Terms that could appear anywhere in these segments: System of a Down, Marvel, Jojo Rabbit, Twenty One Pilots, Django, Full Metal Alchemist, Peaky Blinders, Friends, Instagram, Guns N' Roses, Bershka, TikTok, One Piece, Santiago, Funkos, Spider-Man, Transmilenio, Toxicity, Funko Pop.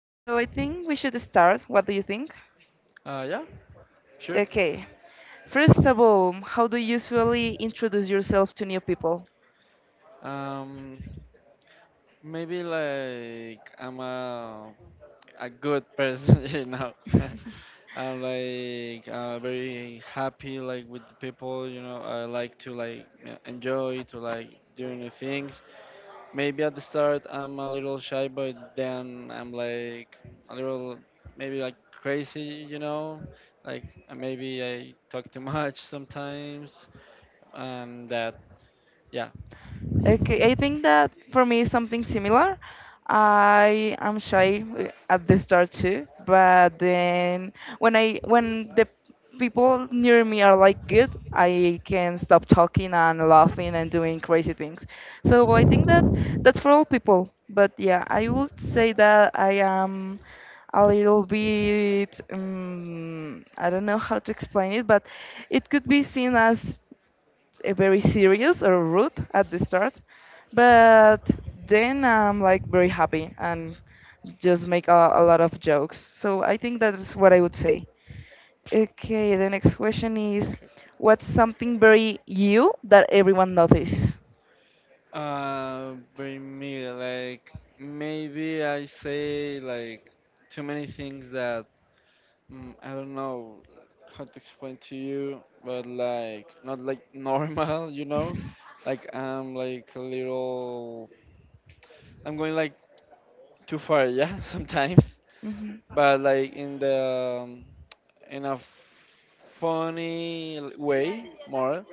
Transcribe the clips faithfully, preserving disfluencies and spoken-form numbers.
So I think we should start. What do you think? Uh, yeah, sure. Okay. First of all, how do you usually introduce yourself to new people? Um, maybe like I'm a a good person, you know. I'm like uh, very happy like with the people, you know. I like to like uh, enjoy to like do new things. Maybe at the start I'm a little shy, but then I'm like a little maybe like crazy, you know. Like uh, maybe I talk too much sometimes, and that, yeah. Okay, I think that for me is something similar. I am shy uh, at the start too, but then when I when the people near me are like good, I can stop talking and laughing and doing crazy things. So I think that that's for all people. But yeah, I would say that I am a little bit um, I don't know how to explain it, but it could be seen as eh, very serious or rude at the start, but then I'm like very happy and just make a, a lot of jokes. So I think that's what I would say. Okay, the next question is, Okay, okay. what's something very you that everyone notices? Uh, bring me like maybe I say like too many things that mm, I don't know how to explain to you, but like not like normal, you know? Like I'm like a little, I'm going like too far, yeah, sometimes. hmm But like in the um, in a funny l- way more,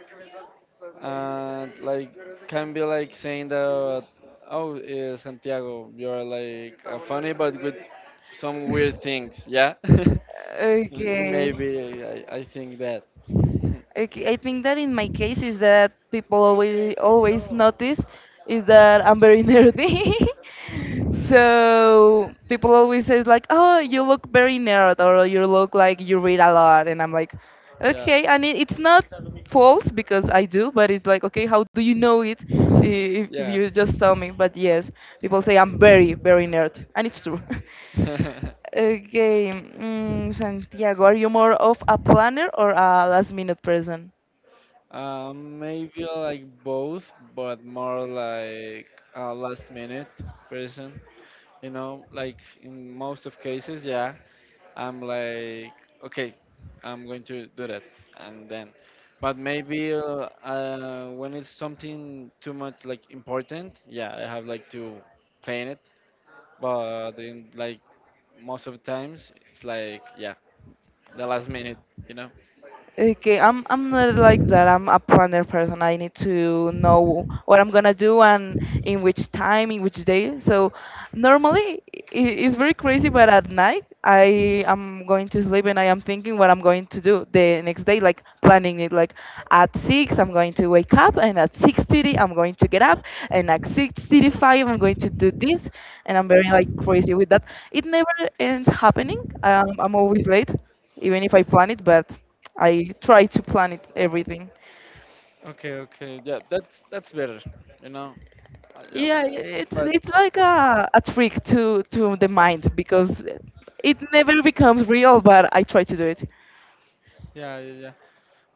and like can be like saying that oh uh, Santiago you're like uh, funny but with some weird things, yeah. Okay. Maybe I, I think that. Okay, I think that in my case is that people always always notice is that I'm very nerdy. So people always says like, "Oh, you look very nerd," or "You look like you read a lot," and I'm like, Yeah, "Okay," and it, it's not false because I do, but it's like, "Okay, how do you know it? See, if, if yeah. you just saw me?" But yes, people say I'm very very nerd, and it's true. Okay, mm, Santiago, are you more of a planner or a last minute person? um, maybe like both, but more like a last minute person. You know, like in most of cases, yeah. I'm like, okay, I'm going to do that, and then, but maybe uh, uh, when it's something too much like important, yeah, I have like to plan it. But in like most of the times, it's like yeah, the last minute, you know. Okay, I'm I'm not like that. I'm a planner person. I need to know what I'm gonna do and in which time, in which day. So normally i- it's very crazy, but at night I am going to sleep and I am thinking what I'm going to do the next day, like planning it. Like at six I'm going to wake up, and at six thirty I'm going to get up, and at six thirty five I'm going to do this, and I'm very like crazy with that. It never ends happening. Um, I'm always late even if I plan it, but I try to plan it everything. Okay, okay, yeah, that's that's better, you know. I- I f- Yeah, it's But it's like a, a trick to to the mind because it never becomes real, but I try to do it. yeah, yeah, yeah.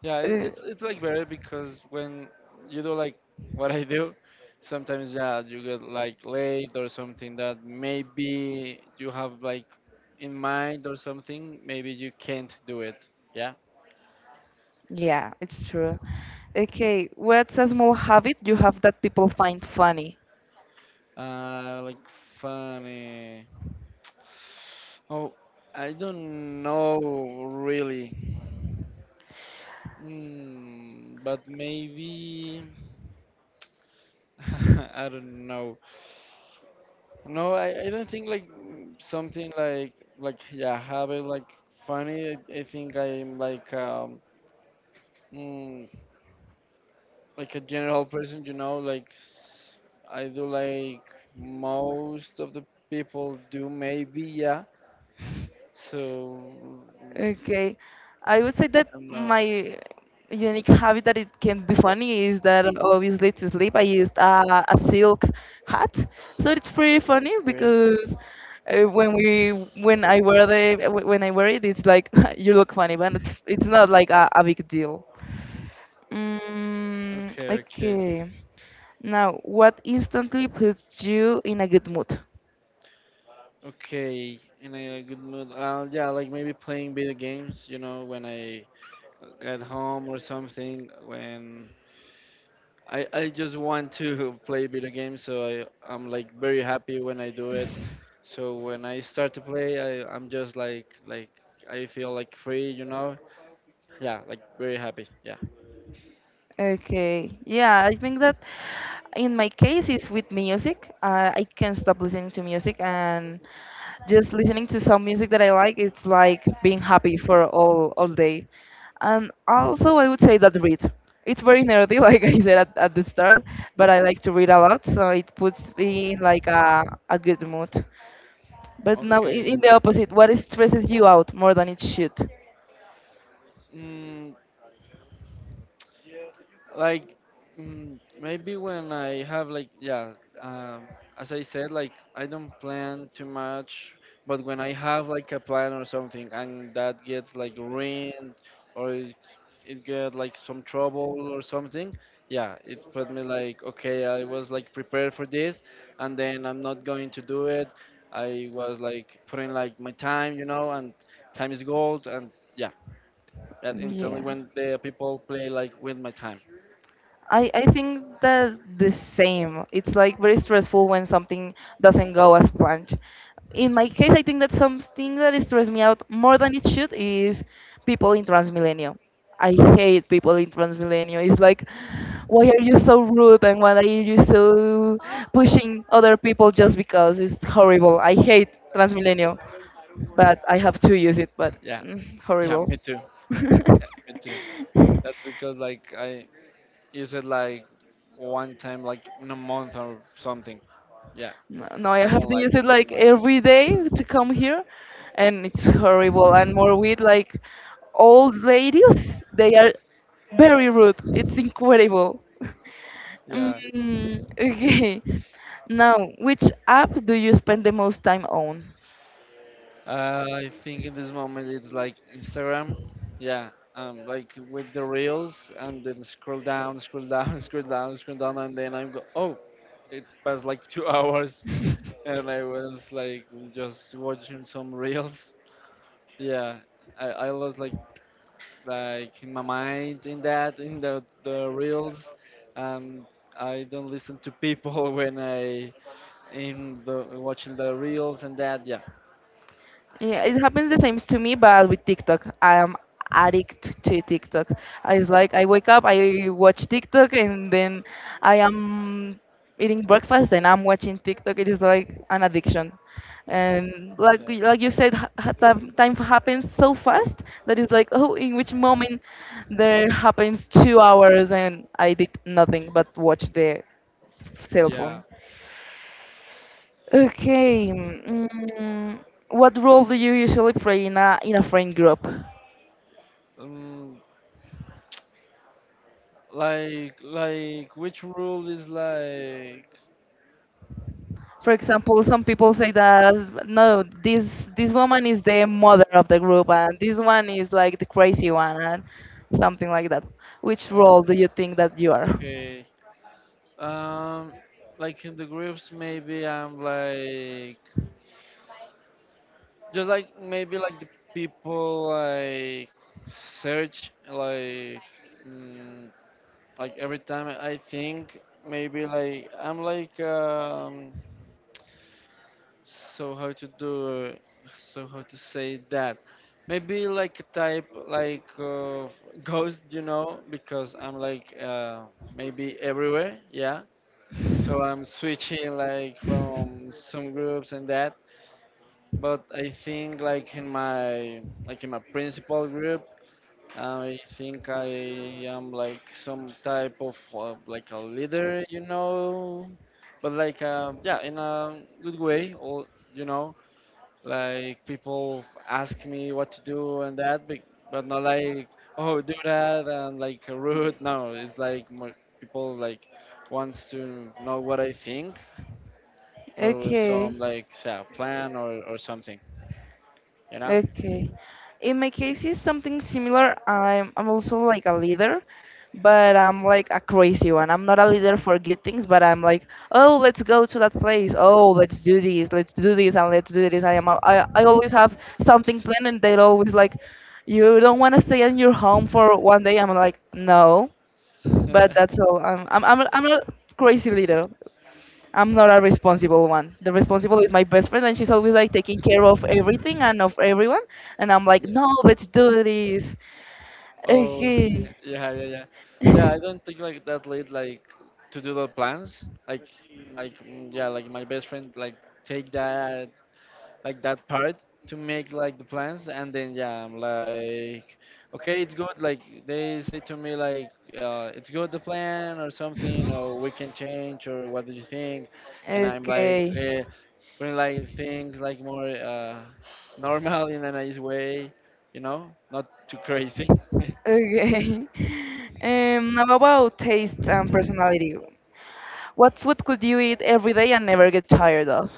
Yeah, it- Uh, it's it's like better because when you do like what I do, sometimes yeah, you get like late or something that maybe you have like in mind or something, maybe you can't do it. Yeah. yeah, it's true. Okay, what's a small habit you have that people find funny? Uh, like funny. Oh, I don't know really. Mm, but maybe I don't know. No, I, I don't think like mm, something like like yeah, habit like funny. I, I think I'm like um mm, like a general person, you know. Like s- I do like most of the people do, maybe. Yeah. So I Okay. I would say that don't know. my unique habit that it can be funny is that obviously to sleep I used a, a silk hat. So it's pretty funny Okay. because uh, when we when I wear the when I wear it it's like you look funny but it's it's not like a, a big deal. Mm, Okay, okay, Okay. Now, what instantly puts you in a good mood? okay. In a good mood. Uh, yeah, like maybe playing video games, you know, when I get home or something. When I, I just want to play video games, so I, I'm like very happy when I do it. So when I start to play, I, I'm just like like I feel like free, you know? Yeah, like very happy. Yeah. Okay. Yeah, I think that in my case is with music. Uh, I can't stop listening to music and just listening to some music that I like, it's like being happy for all all day. And also I would say that read. It's very nerdy, like I said at, at the start, but I like to read a lot, so it puts me in like a, a good mood. But now in, Okay. in the opposite, what stresses you out more than it should? Mm, like mm, maybe when I have like yeah, um, as I said, like I don't plan too much, but when I have like a plan or something and that gets like ruined or it, it get like some trouble or something, yeah, it put me like okay, I was like prepared for this, and then I'm not going to do it. I was like putting like my time, you know, and time is gold, and yeah, that instantly Yeah. when the people play like with my time. I, I think that the same. It's like very stressful when something doesn't go as planned. In my case, I think that something that stress me out more than it should is people in Transmilenio. I hate people in Transmilenio. It's like, why are you so rude and why are you so pushing other people just because? It's horrible. I hate Transmilenio, but I have to use it. But Yeah. mm, Yeah, horrible. me too. Yeah, me too. That's because like I use it like one time like in a month or something. Yeah, No, no, I I have don't to use like it it too like much. every day to come here, and it's horrible. And more with like old ladies, they are very rude. It's incredible. Yeah. Mm, okay. Now, which app do you spend the most time on? Uh, I think in this moment it's like Instagram. Yeah. Um, like with the reels and then scroll down, scroll down, scroll down, scroll down, and then I'm go. Oh, it passed like two hours, and I was like just watching some reels. Yeah, I I lost like. like in my mind in that in the the reels, and I don't listen to people when I in the watching the reels and that, yeah. Yeah, it happens the same to me, but with TikTok. I am addict to TikTok. I It's like I wake up, I watch TikTok, and then I am eating breakfast and I'm watching TikTok. It is like an addiction. And like y- like Yeah, you said, ha- ha- time time happens so fast that it's like, oh, in which moment there happens two hours and I did nothing but watch the cell yeah. phone. Okay. Mm, what role do you usually play in a in a friend group? Um, like like which rule is like. For example, some people say that no, this this woman is the mother of the group, and this one is like the crazy one, and something like that. Which role do you think that you are? Okay, um like in the groups maybe I'm like just like maybe like the people like search like mm, like every time I think maybe like I'm like um so how to do so how to say that maybe like a type like of ghost, you know, because I'm like uh maybe everywhere, yeah. So I'm switching like from some groups and that, but I think like in my like in my principal group, I think I am like some type of uh, like a leader, you know, but like um, yeah, in a good way, or you know, like people ask me what to do and that, but, but not like oh do that and like rude. No, it's like more people like wants to know what I think for Okay. some like yeah, plan or or something, you know. Okay. In my case, it's something similar. I'm I'm also like a leader, but I'm like a crazy one. I'm not a leader for good things, but I'm like, oh, let's go to that place. Oh, let's do this. Let's do this and let's do this. I am. a- I I always have something planned, and they're always like, you don't want to stay in your home for one day. I'm like, no, but Yeah. that's all. I'm I'm I'm a, I'm a crazy leader. I'm not a responsible one. The responsible is my best friend, and she's always like taking care of everything and of everyone. And I'm like, no, let's do this. Oh, Okay. yeah, yeah, yeah. Yeah, I don't think like that late like to do the plans. Like, like, mm, yeah, like my best friend like take that like that part to make like the plans, and then yeah I'm like okay it's good like they say to me like uh, it's good the plan or something or we can change or what do you think. And I'm like Okay. uh, putting like things like more uh, normal in a nice way, you know, not too crazy. Okay. Um, now about taste and personality. What food could you eat every day and never get tired of?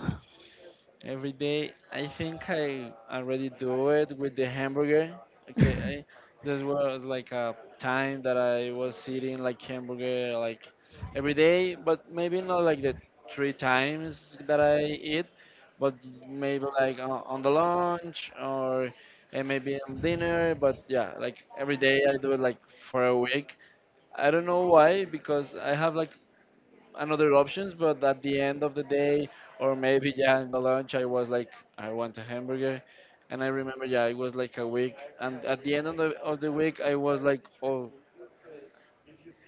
Every day, I think I already do it with the hamburger. Okay, I, this was like a time that I was eating like hamburger like every day, but maybe not like the three times that I eat, but maybe like on, on the lunch or uh, maybe on dinner. But yeah, like every day I do it like for a week. I don't know why because I have like another options, but at the end of the day, or maybe yeah, in the lunch, I was like, I want a hamburger, and I remember yeah, it was like a week, and at the end of the of the week, I was like, oh,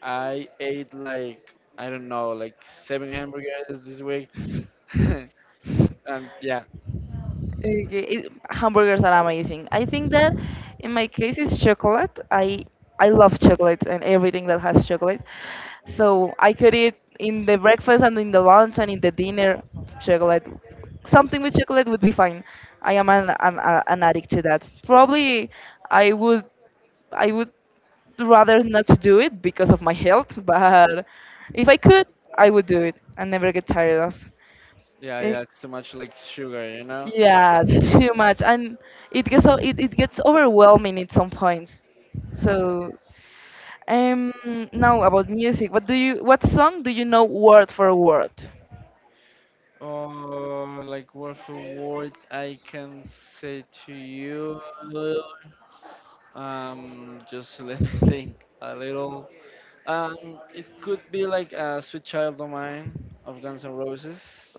I ate like I don't know, like seven hamburgers this week, and yeah, Okay, it- hamburgers are amazing. I think that in my case it's chocolate. I I love chocolate and everything that has chocolate. So I could eat in the breakfast and in the lunch and in the dinner chocolate. Something with chocolate would be fine. I am an an, a- an addict to that. Probably I would I would rather not do it because of my health, but if I could, I would do it and never get tired yeah, of. yeah, it's too much like sugar, you know. Yeah, too much, and it gets o- it, it gets overwhelming at some points. So, um, now about music, what do you what song do you know word for word? Oh, like word for word, I can say to you, um, just let me think a little. Um, it could be like a Sweet Child of Mine of Guns N' Roses.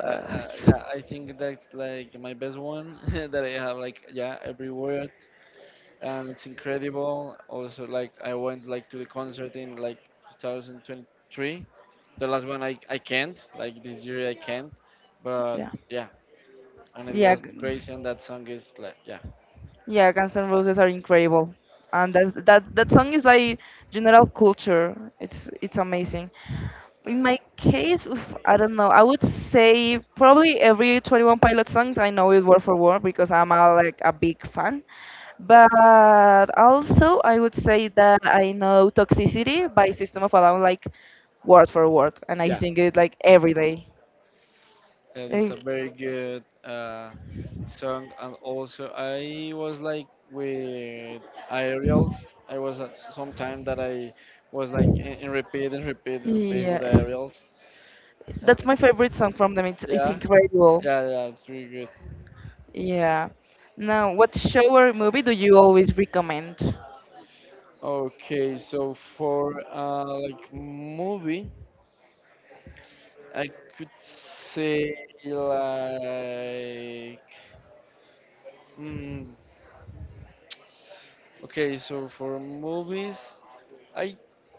Uh, uh, yeah, I think that's like my best one that I have like yeah every word, and it's incredible. Also like I went like to the concert in like twenty twenty-three. The last one I I can't like this year I can't, but yeah, yeah, and it yeah, was g- crazy and that song is like yeah. Guns N' Roses are incredible, and that that that song is like general culture. It's it's amazing. In my case, oof, I don't know. I would say probably every twenty one Pilot songs I know it word for word because I'm a, like a big fan. But also, I would say that I know Toxicity by System of a Down like word for word, and I yeah. sing it like every day. And it's a Like, very good uh, song. And also, I was like with aerials. I was at some time that I was like in, in repeat and repeat and repeat with yeah, aerials. And that's my favorite song from them. It's it's yeah, incredible. yeah, yeah, it's really good. Yeah. Now, what show or movie do you always recommend? Okay, so for uh, like movie, I could say like mm, okay, so for movies. I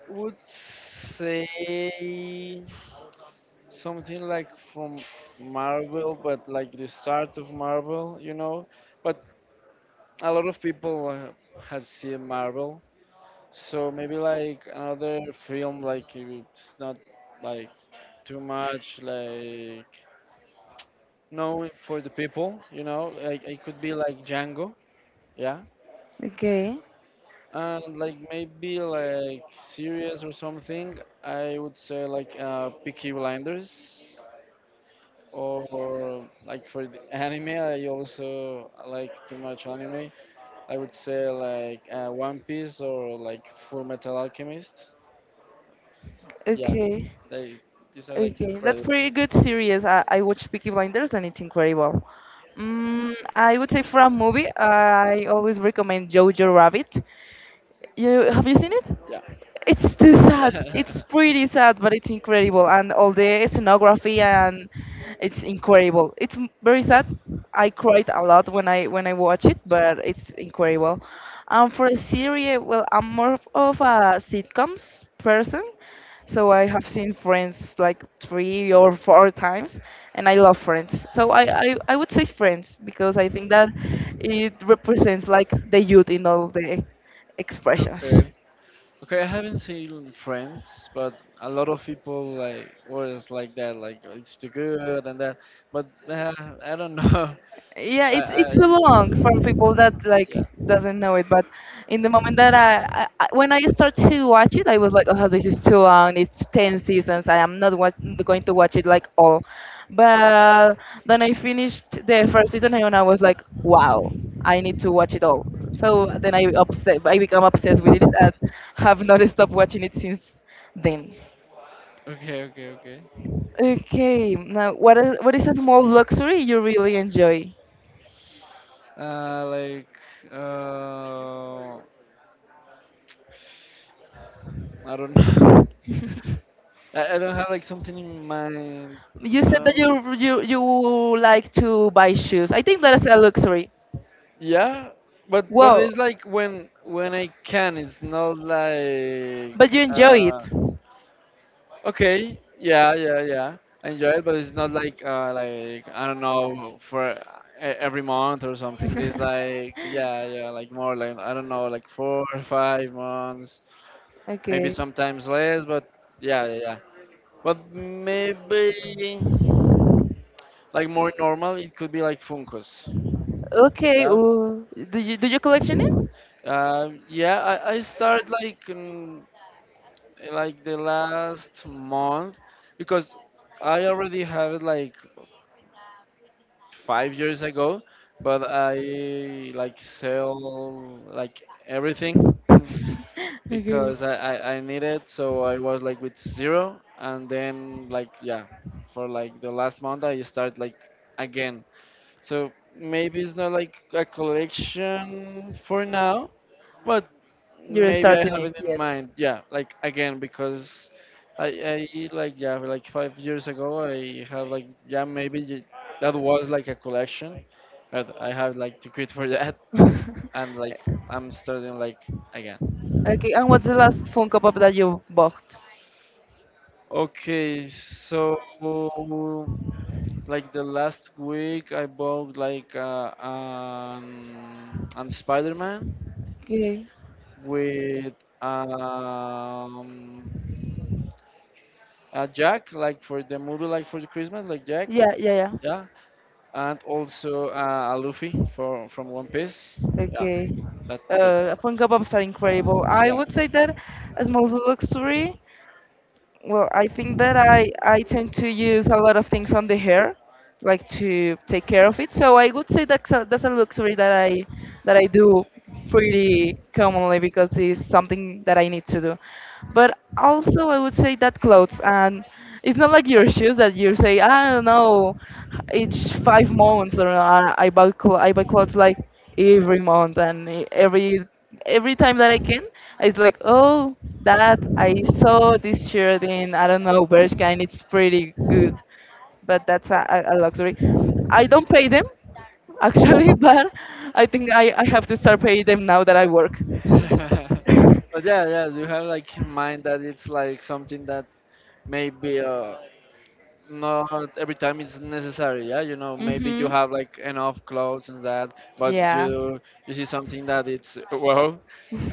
would say something like from Marvel, but like the start of Marvel, you know. But a lot of people uh, have seen Marvel, so maybe like another film, like it's not like too much like known for the people, you know. Like it could be like Django, yeah. Okay. And like maybe like series or something. I would say like uh, Peaky Blinders. Or like for the anime I also like too much anime. I would say like uh, One Piece or like Full Metal Alchemist, yeah. Okay, They, these are like okay, that's incredible, pretty good series. I, I watched Peaky Blinders and it's incredible. Mm, I would say for a movie, I always recommend Jojo Rabbit. You have you seen it? yeah. It's too sad. It's pretty sad, but it's incredible, and all the scenography and it's incredible. It's m- very sad, I cried a lot when I when I watch it, but it's incredible. Um, for a series, well, I'm more of of a sitcoms person, so I Okay, have seen Friends like three or four times, and I love Friends. So I I, I would say Friends because I think that it represents like the youth in all the expressions. okay, okay. I haven't seen Friends, but a lot of people like was like that like, "Oh, it's too good and that." But uh, I don't know. Yeah, i it's i it's so long from people that like yeah. doesn't know it, but in the moment that I, I I- when I start to watch it I was like, oh, this is too long, it's ten seasons, I am not watch, going to watch it like all. But then I finished the first season and I was like, wow, I need to watch it all. So then i obsessed I become obsessed with it and have not stopped watching it since then. Okay, okay, okay. Okay, now what is what is a small luxury you really enjoy? Uh, like uh, I don't know. I, I don't have like something in mind, You you said that know. you you you like to buy shoes. I think that is a luxury. Yeah, but but Well, it's like when when I can. It's not like but you enjoy it. uh, okay, yeah, yeah, yeah. I enjoy it, but it's not like uh, like I don't know for e- every month or something. It's like yeah, yeah, like more like I don't know, like four or five months, maybe Okay. sometimes less, but yeah, yeah, yeah. But maybe like more normal, it could be like Funkos. Okay. Yeah. Ooh. Do you do you collection it? Um, yeah, I, I started like in, like the last month because I already have it like five years ago, but I like sell like everything because I, I, I need it. So I was like with zero and then like yeah, for like the last month I start like again. So maybe it's not like a collection for now, but Okay. You're maybe I starting have it it in yet. mind. Yeah, like again because I, I like yeah like five years ago I have like yeah maybe y- that was like a collection, but I have like to quit for that, and like I'm starting like again. Okay. And what's the last Funko Pop that you bought? Okay, so like the last week I bought like uh, um, and Spider-Man Okay. with um, a Jack, like for the movie, like for the Christmas, like Jack, Yeah. Yeah. Yeah. yeah, and also uh, a Luffy for from One Piece, yeah, Okay. that three, Uh, Funko Pops are incredible. I yeah. would say that as most luxury, well, I think that I, I tend to use a lot of things on the hair like to take care of it. So I would say that's a, that's a luxury that I that I do pretty commonly because it's something that I need to do. But also I would say that clothes and it's not like your shoes that you say I don't know each five months or I, I buy cl- I buy clothes like every month and e- every every time that I can it's like oh that I saw this shirt in I don't know Bershka and it's pretty good but that's a, a a luxury. I don't pay them actually, but I think I, I have to start paying them now that I work. but yeah, yeah, you have like in mind that it's like something that maybe uh, not every time it's necessary, yeah, you know, maybe hmm you have like enough clothes and that, but Yeah. you you see something that it's wow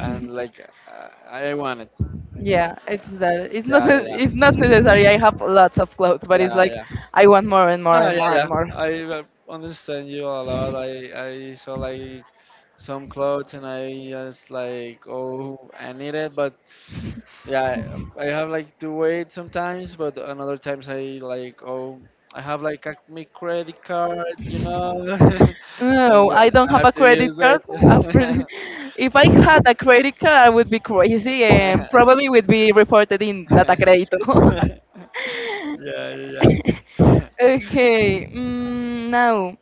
and like uh, I want it. Yeah, it's that. It's not. Yeah ne- yeah It's yeah not necessary. I have lots of clothes, but it's yeah like yeah. I want more and more Ah, and yeah, more and yeah. more. I uh, understand you a lot. I I saw like some clothes and I just like, oh, I need it. But yeah, I have like to wait sometimes, but another times I like, oh, I have like a me credit card, you know. I'm No, go I don't I have have a to credit use card. it. After- If I had a credit card, I would be crazy and probably would be reported in data crédito. Yeah, yeah, yeah. Okay, mm, now,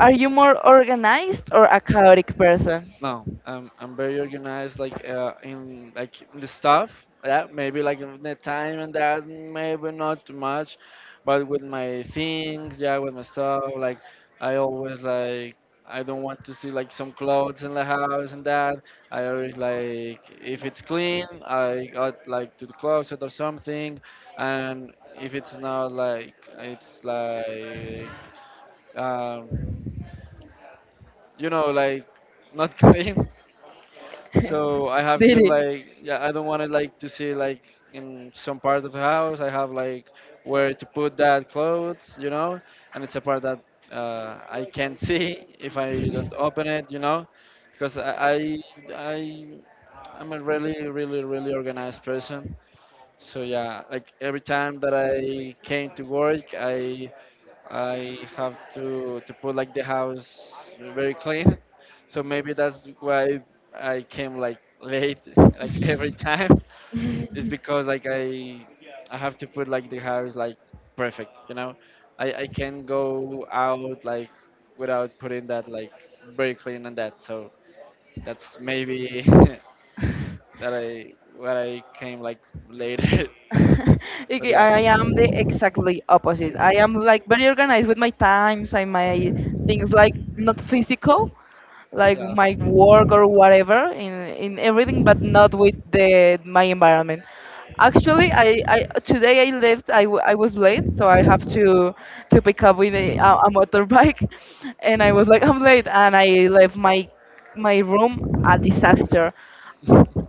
are you more organized or a chaotic person? No, I'm I'm very organized. Like uh, in like in the stuff. Yeah, maybe like in the time and that maybe not too much, but with my things, yeah, with my stuff. Like I always like I don't want to see like some clothes in the house and that. I always like if it's clean, I got like to the closet or something, and if it's not like it's like um, you know like not clean. So I have to Did like, yeah, I don't want to like to see like in some part of the house I have like where to put that clothes, you know, and it's a part that uh, I can't see if I don't open it, you know, because I I I- I'm a really really really organized person, so yeah, like every time that I came to work, I I have to to put like the house very clean. So maybe that's why I came like late, like every time. It's because like I I have to put like the house like perfect, you know. I I can go out like without putting that like very clean and that. So that's maybe it? that I why I came like later. But Okay, yeah, I yeah, am the exactly opposite. I am like very organized with my times and my things like not physical, like my yeah. work or whatever in in everything, but not with the my environment. Actually, I, I today I left. I, w- I was late, so I have to to pick up with a, a a motorbike, and I was like I'm late, and I left my my room a disaster.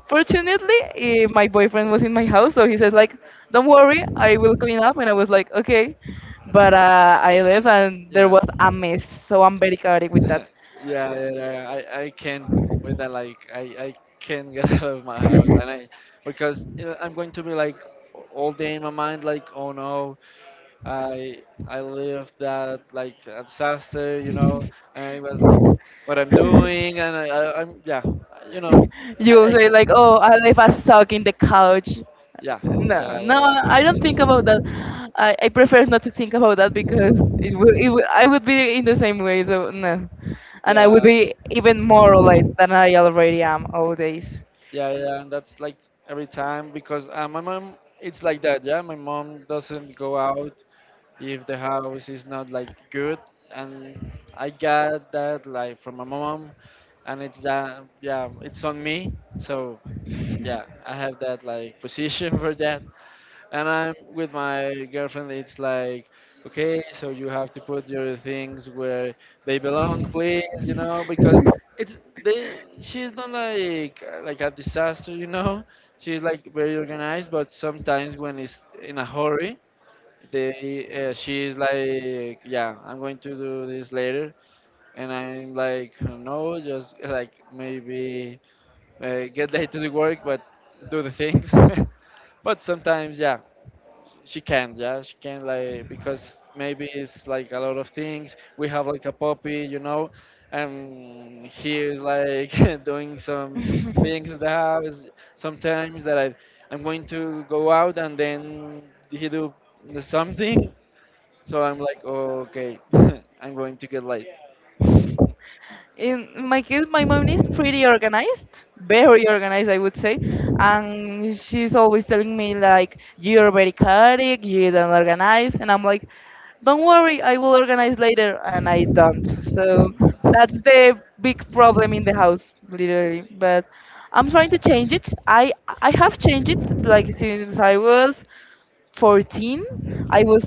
Fortunately, eh, my boyfriend was in my house, so he said like, "Don't worry, I will clean up." And I was like, "Okay," but uh, I left and there was a mess. So I'm very chaotic with Yeah, that. yeah, yeah. I, I can't with that. Like, I, I can't get out of my house, and I because you know, I'm going to be like all day in my mind, like, oh no, I I lived that like a disaster, you know, and it was like what I'm doing, and I, I I'm yeah, you know, I, you I say like, oh, can. I if I suck in the couch. Yeah, No, no, yeah, yeah, I don't think about that. I, I prefer not to think about that because it would, it would, I would be in the same way, so no. And I would yeah, be even more yeah, late than I already am all days. yeah, yeah. And that's like every time because uh, my mom, it's like that. Yeah, my mom doesn't go out if the house is not like good, and I got that like from my mom, and it's uh, yeah, it's on me. So yeah, I have that like position for that, and I'm with my girlfriend, it's like okay, so you have to put your things where they belong, please, you know, because it's they she's not like uh, like a disaster, you know, she's like very organized, but sometimes when it's in a hurry, they uh, she's like yeah, I'm going to do this later, and I'm like, no, just like maybe uh, get late to the work, but do the things. But sometimes, yeah, she can yeah she can, like, because maybe it's like a lot of things. We have like a puppy, you know, and he is like doing some things in the house sometimes that i i'm going to go out, and then he do something, so I'm like, oh, okay, I'm going to get late. In in my case, my mom is pretty organized, very organized, I would say, and she's always telling me like, "You're very chaotic, you don't organize," and I'm like, "Don't worry, I will organize later," and I don't. So that's the big problem in the house, literally. But I'm trying to change it. I I have changed it like since I was fourteen. I was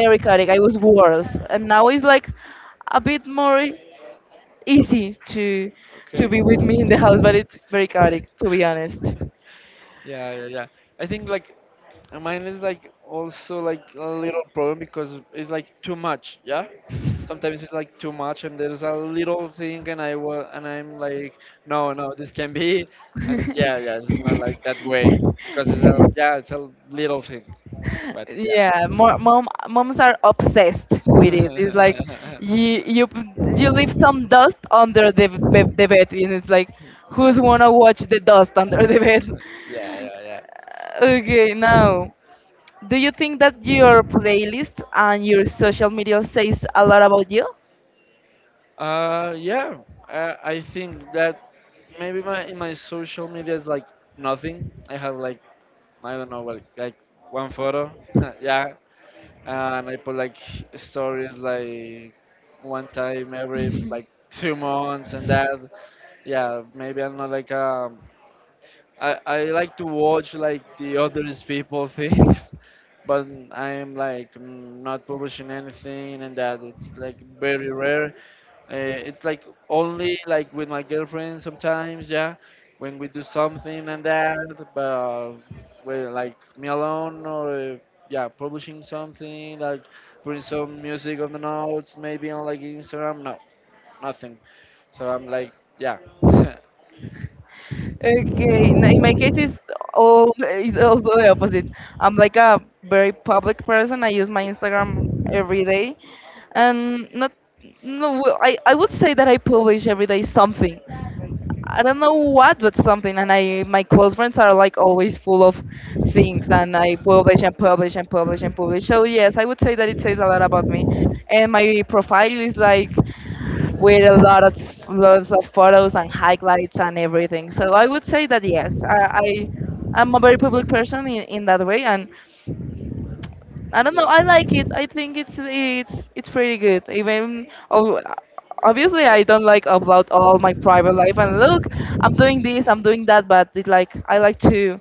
very chaotic, I was worse, and now it's like a bit more easy to to Okay. be with me in the house, but it's very chaotic to be honest. Yeah, yeah, yeah, I think like. And mine is like also like a little problem because it's like too much, yeah. Sometimes it's like too much, and there's a little thing, and I will, and I'm like, no, no, this can be, and yeah, yeah, it's not like that way because it's a yeah, it's a little thing, but Yeah, more yeah. mom moms are obsessed with it. It's like you you p- you leave some dust under the b- the bed, and it's like Yeah. who's wanna watch the dust under the bed? Yeah, yeah, yeah. Okay, now, do you think that your playlist and your social media says a lot about you? Uh, yeah. I I think that maybe my in my social media is like nothing. I have like I don't know, like like one photo, yeah, and I put like stories like one time every like two months and that, yeah, maybe I'm not like um, I I like to watch like the others people things, but I'm like mm, not publishing anything, and that it's like very rare, uh, it's like only like with my girlfriend sometimes, yeah, when we do something and that, but with like me alone or uh, yeah, publishing something like putting some music on the notes, maybe on like Instagram. No, nothing. So I'm like, yeah, Okay, no, in my case, it's all, it's also the opposite. I'm like a very public person. I use my Instagram every day, and not no. Well, I I would say that I publish every day something. I don't know what, but something. And I my close friends are like always full of things, and I publish and publish and publish and publish. So yes, I would say that it says a lot about me. And my profile is like with a lot of lots of photos and highlights and everything. So I would say that yes, I, I, I'm a very public person in, in that way, and I don't know, I like it. I think it's it's it's pretty good. Even oh, obviously I don't like upload all my private life and look, I'm doing this, I'm doing that, but it like I like to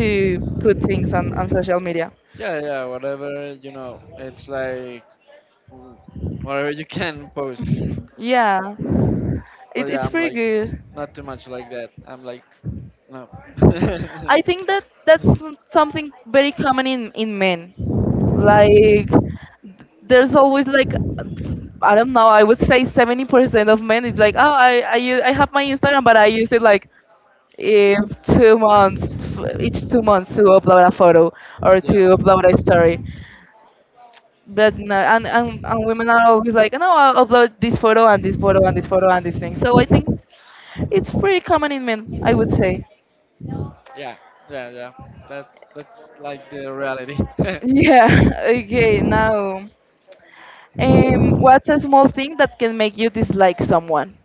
to put things on yeah. on social media. Yeah, yeah, whatever, you know, it's like mm, whatever you can post. Yeah, But it, yeah, it's I'm pretty like good. not too much like that. I'm like no. I think that that's some- something very common in in men. Like there's always like I don't know. I would say seventy percent of men is like, oh, I I u- I have my Instagram, but I use it like if two months f- each two months to upload a photo or to Yeah. upload a story. But no, and, and and women are always like, no, I'll upload this photo and this photo and this photo and this thing. So I think it's pretty common in men, I would say. Yeah. Yeah, yeah. That's that's like the reality. Yeah. Okay. Now. Um, what's a small thing that can make you dislike someone?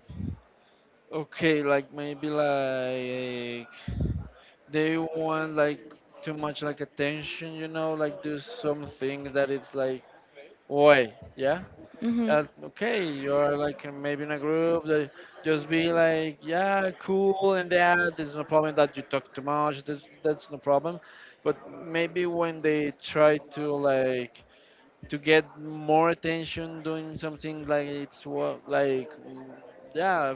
Okay, like maybe like they want like too much like attention, you know, like do some things that it's like why, yeah. hmm uh, Okay, you're like in- maybe in a group that just be like yeah cool and that, there's no problem that you talk too much, there's, that's no problem, but maybe when they try to like to get more attention doing something like it's what like mm, yeah,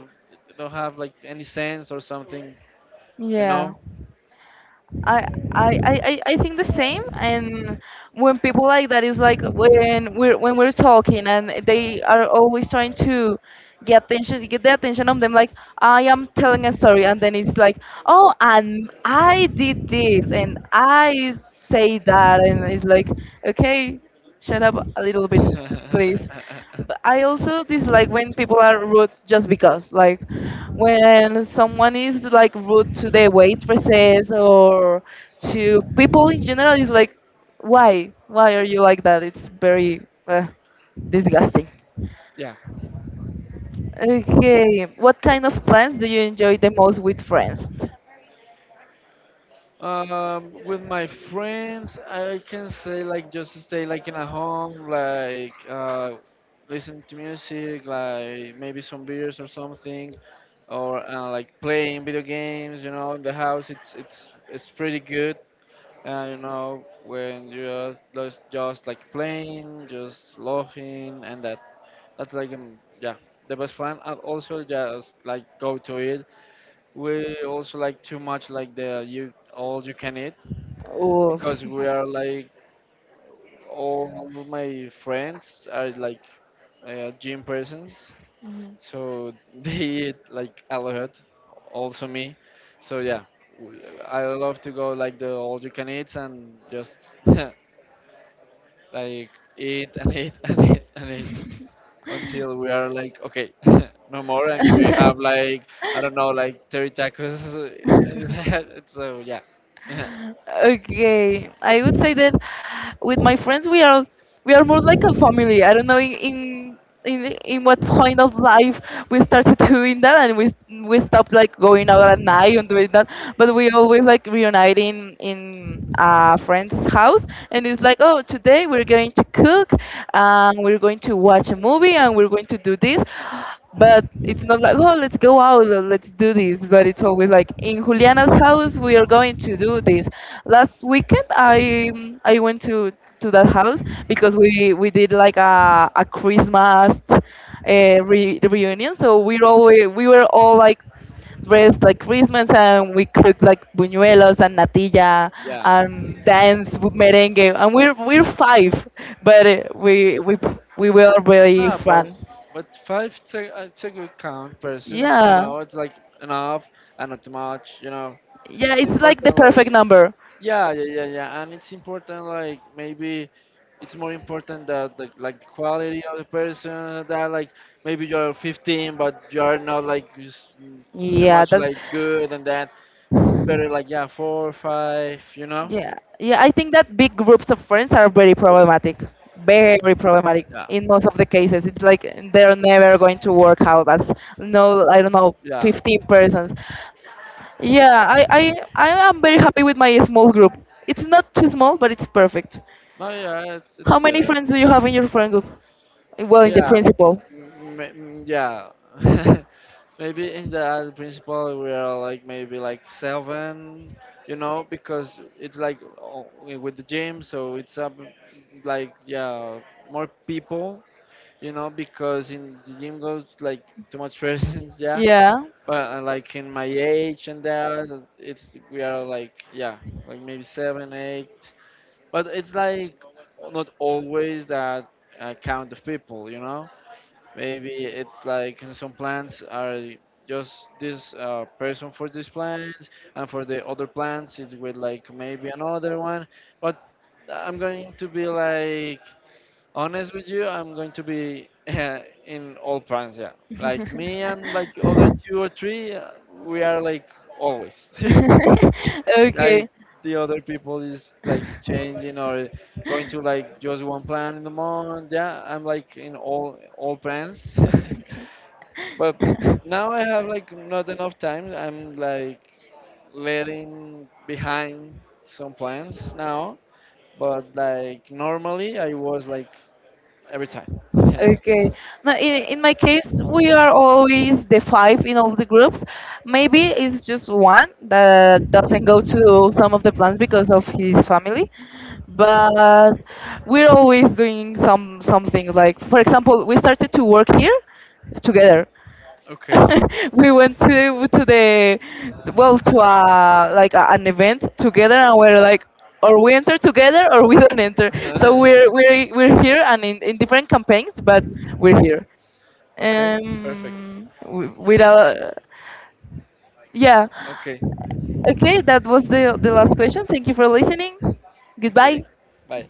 don't have like any sense or something, you Yeah. know. I, I, I, I I think the same. And when people like that is like when we're when we're talking and they are always trying to get attention get the attention of them, like I am telling a story and then it's like oh and I did this and I say that and it's like okay, shut up a little bit, please. But I also dislike when people are rude just because, like, when someone is like rude to the waitresses or to people in general, it's like, why? Why are you like that? It's very uh, disgusting. Yeah. Okay, what kind of plans do you enjoy the most with friends? Um, with my friends, I can say like just stay like in a home, like uh, listen to music, like maybe some beers or something, or uh, like playing video games. You know, in the house, it's it's it's pretty good. Uh, you know, when you're just, just like playing, just laughing, and that. That's like um, yeah, the best plan. And also just like go to it. We also like too much like the you all you can eat Oof. because we are like all of my friends are like uh, gym persons, so they eat like a lot. Also me, so yeah, we, I love to go like the all you can eat and just like eat and eat and eat and eat. Until we are like okay, no more, and we have like I don't know, like thirty tacos in his head, so yeah. Okay, I would say that with my friends we are we are more like a family. I don't know in in in, in what point of life we started doing that and we we stopped like going out at night and doing that, but we always like reuniting in a friend's house and it's like oh today we're going to cook, and we're going to watch a movie and we're going to do this. But it's not like, oh, let's go out, uh, let's do this. But it's always like, in Juliana's house, we are going to do this. Last weekend, I um, I went to to that house because we we did like a a Christmas uh, re reunion. So we always, we were all like dressed like Christmas and we cooked like buñuelos and natilla Yeah. and dance with merengue and we're we're five, but uh, we we we were really Ah, but fun. but five it's a, it's a good count persons, you Yeah. know, it's like enough and not too much, you know, Yeah, it's it's like the important perfect like. number. Yeah, yeah, yeah, yeah. And it's important, like maybe it's more important that the, like the quality of the person, that like maybe you're fifteen but you're not like s- too Yeah, much that's like good and that, it's better like yeah, four or five, you know? yeah. Yeah, I think that big groups of friends are very problematic. Very problematic Yeah, in most of the cases. It's like they're never going to work out as no, I don't know, yeah. fifteen persons. Yeah, I I I am very happy with my small group. It's not too small, but it's perfect. No, yeah, it's How it's many better. friends do you have in your friend group? Well, in the Yeah, principal. m- m- yeah. Maybe in that principle we are like maybe like seven, you know, because it's like o- with the gym, so it's up like yeah, more people, you know, because in the gym goes like too much persons, yeah. Yeah. But uh, like in my age and that, it's we are like yeah, like maybe seven, eight. But it's like not always that uh, count of people, you know. Maybe it's like some plants are just this uh, person for these plants, and for the other plants, it's with like maybe another one. But I'm going to be like honest with you. I'm going to be in all plants, yeah. Like me and like other two or three, uh, we are like always. Like Okay, the other people is like changing or going to like just one plan in the month. Yeah, I'm like in all all plans. But now I have like not enough time. I'm like letting behind some plans now. But like normally I was like every time. okay. Now, in, in my case, we are always the five in all the groups. Maybe it's just one that doesn't go to some of the plans because of his family, but we're always doing some something. Like for example, we started to work here together. Okay. We went to to the well to a like a, an event together and we're like or we enter together or we don't enter, so we're we're we're here and in, in different campaigns, but we're here Okay. Perfect. um wi- with a yeah. Okay. Okay, that was the the last question. Thank you for listening. Goodbye. Okay. Bye.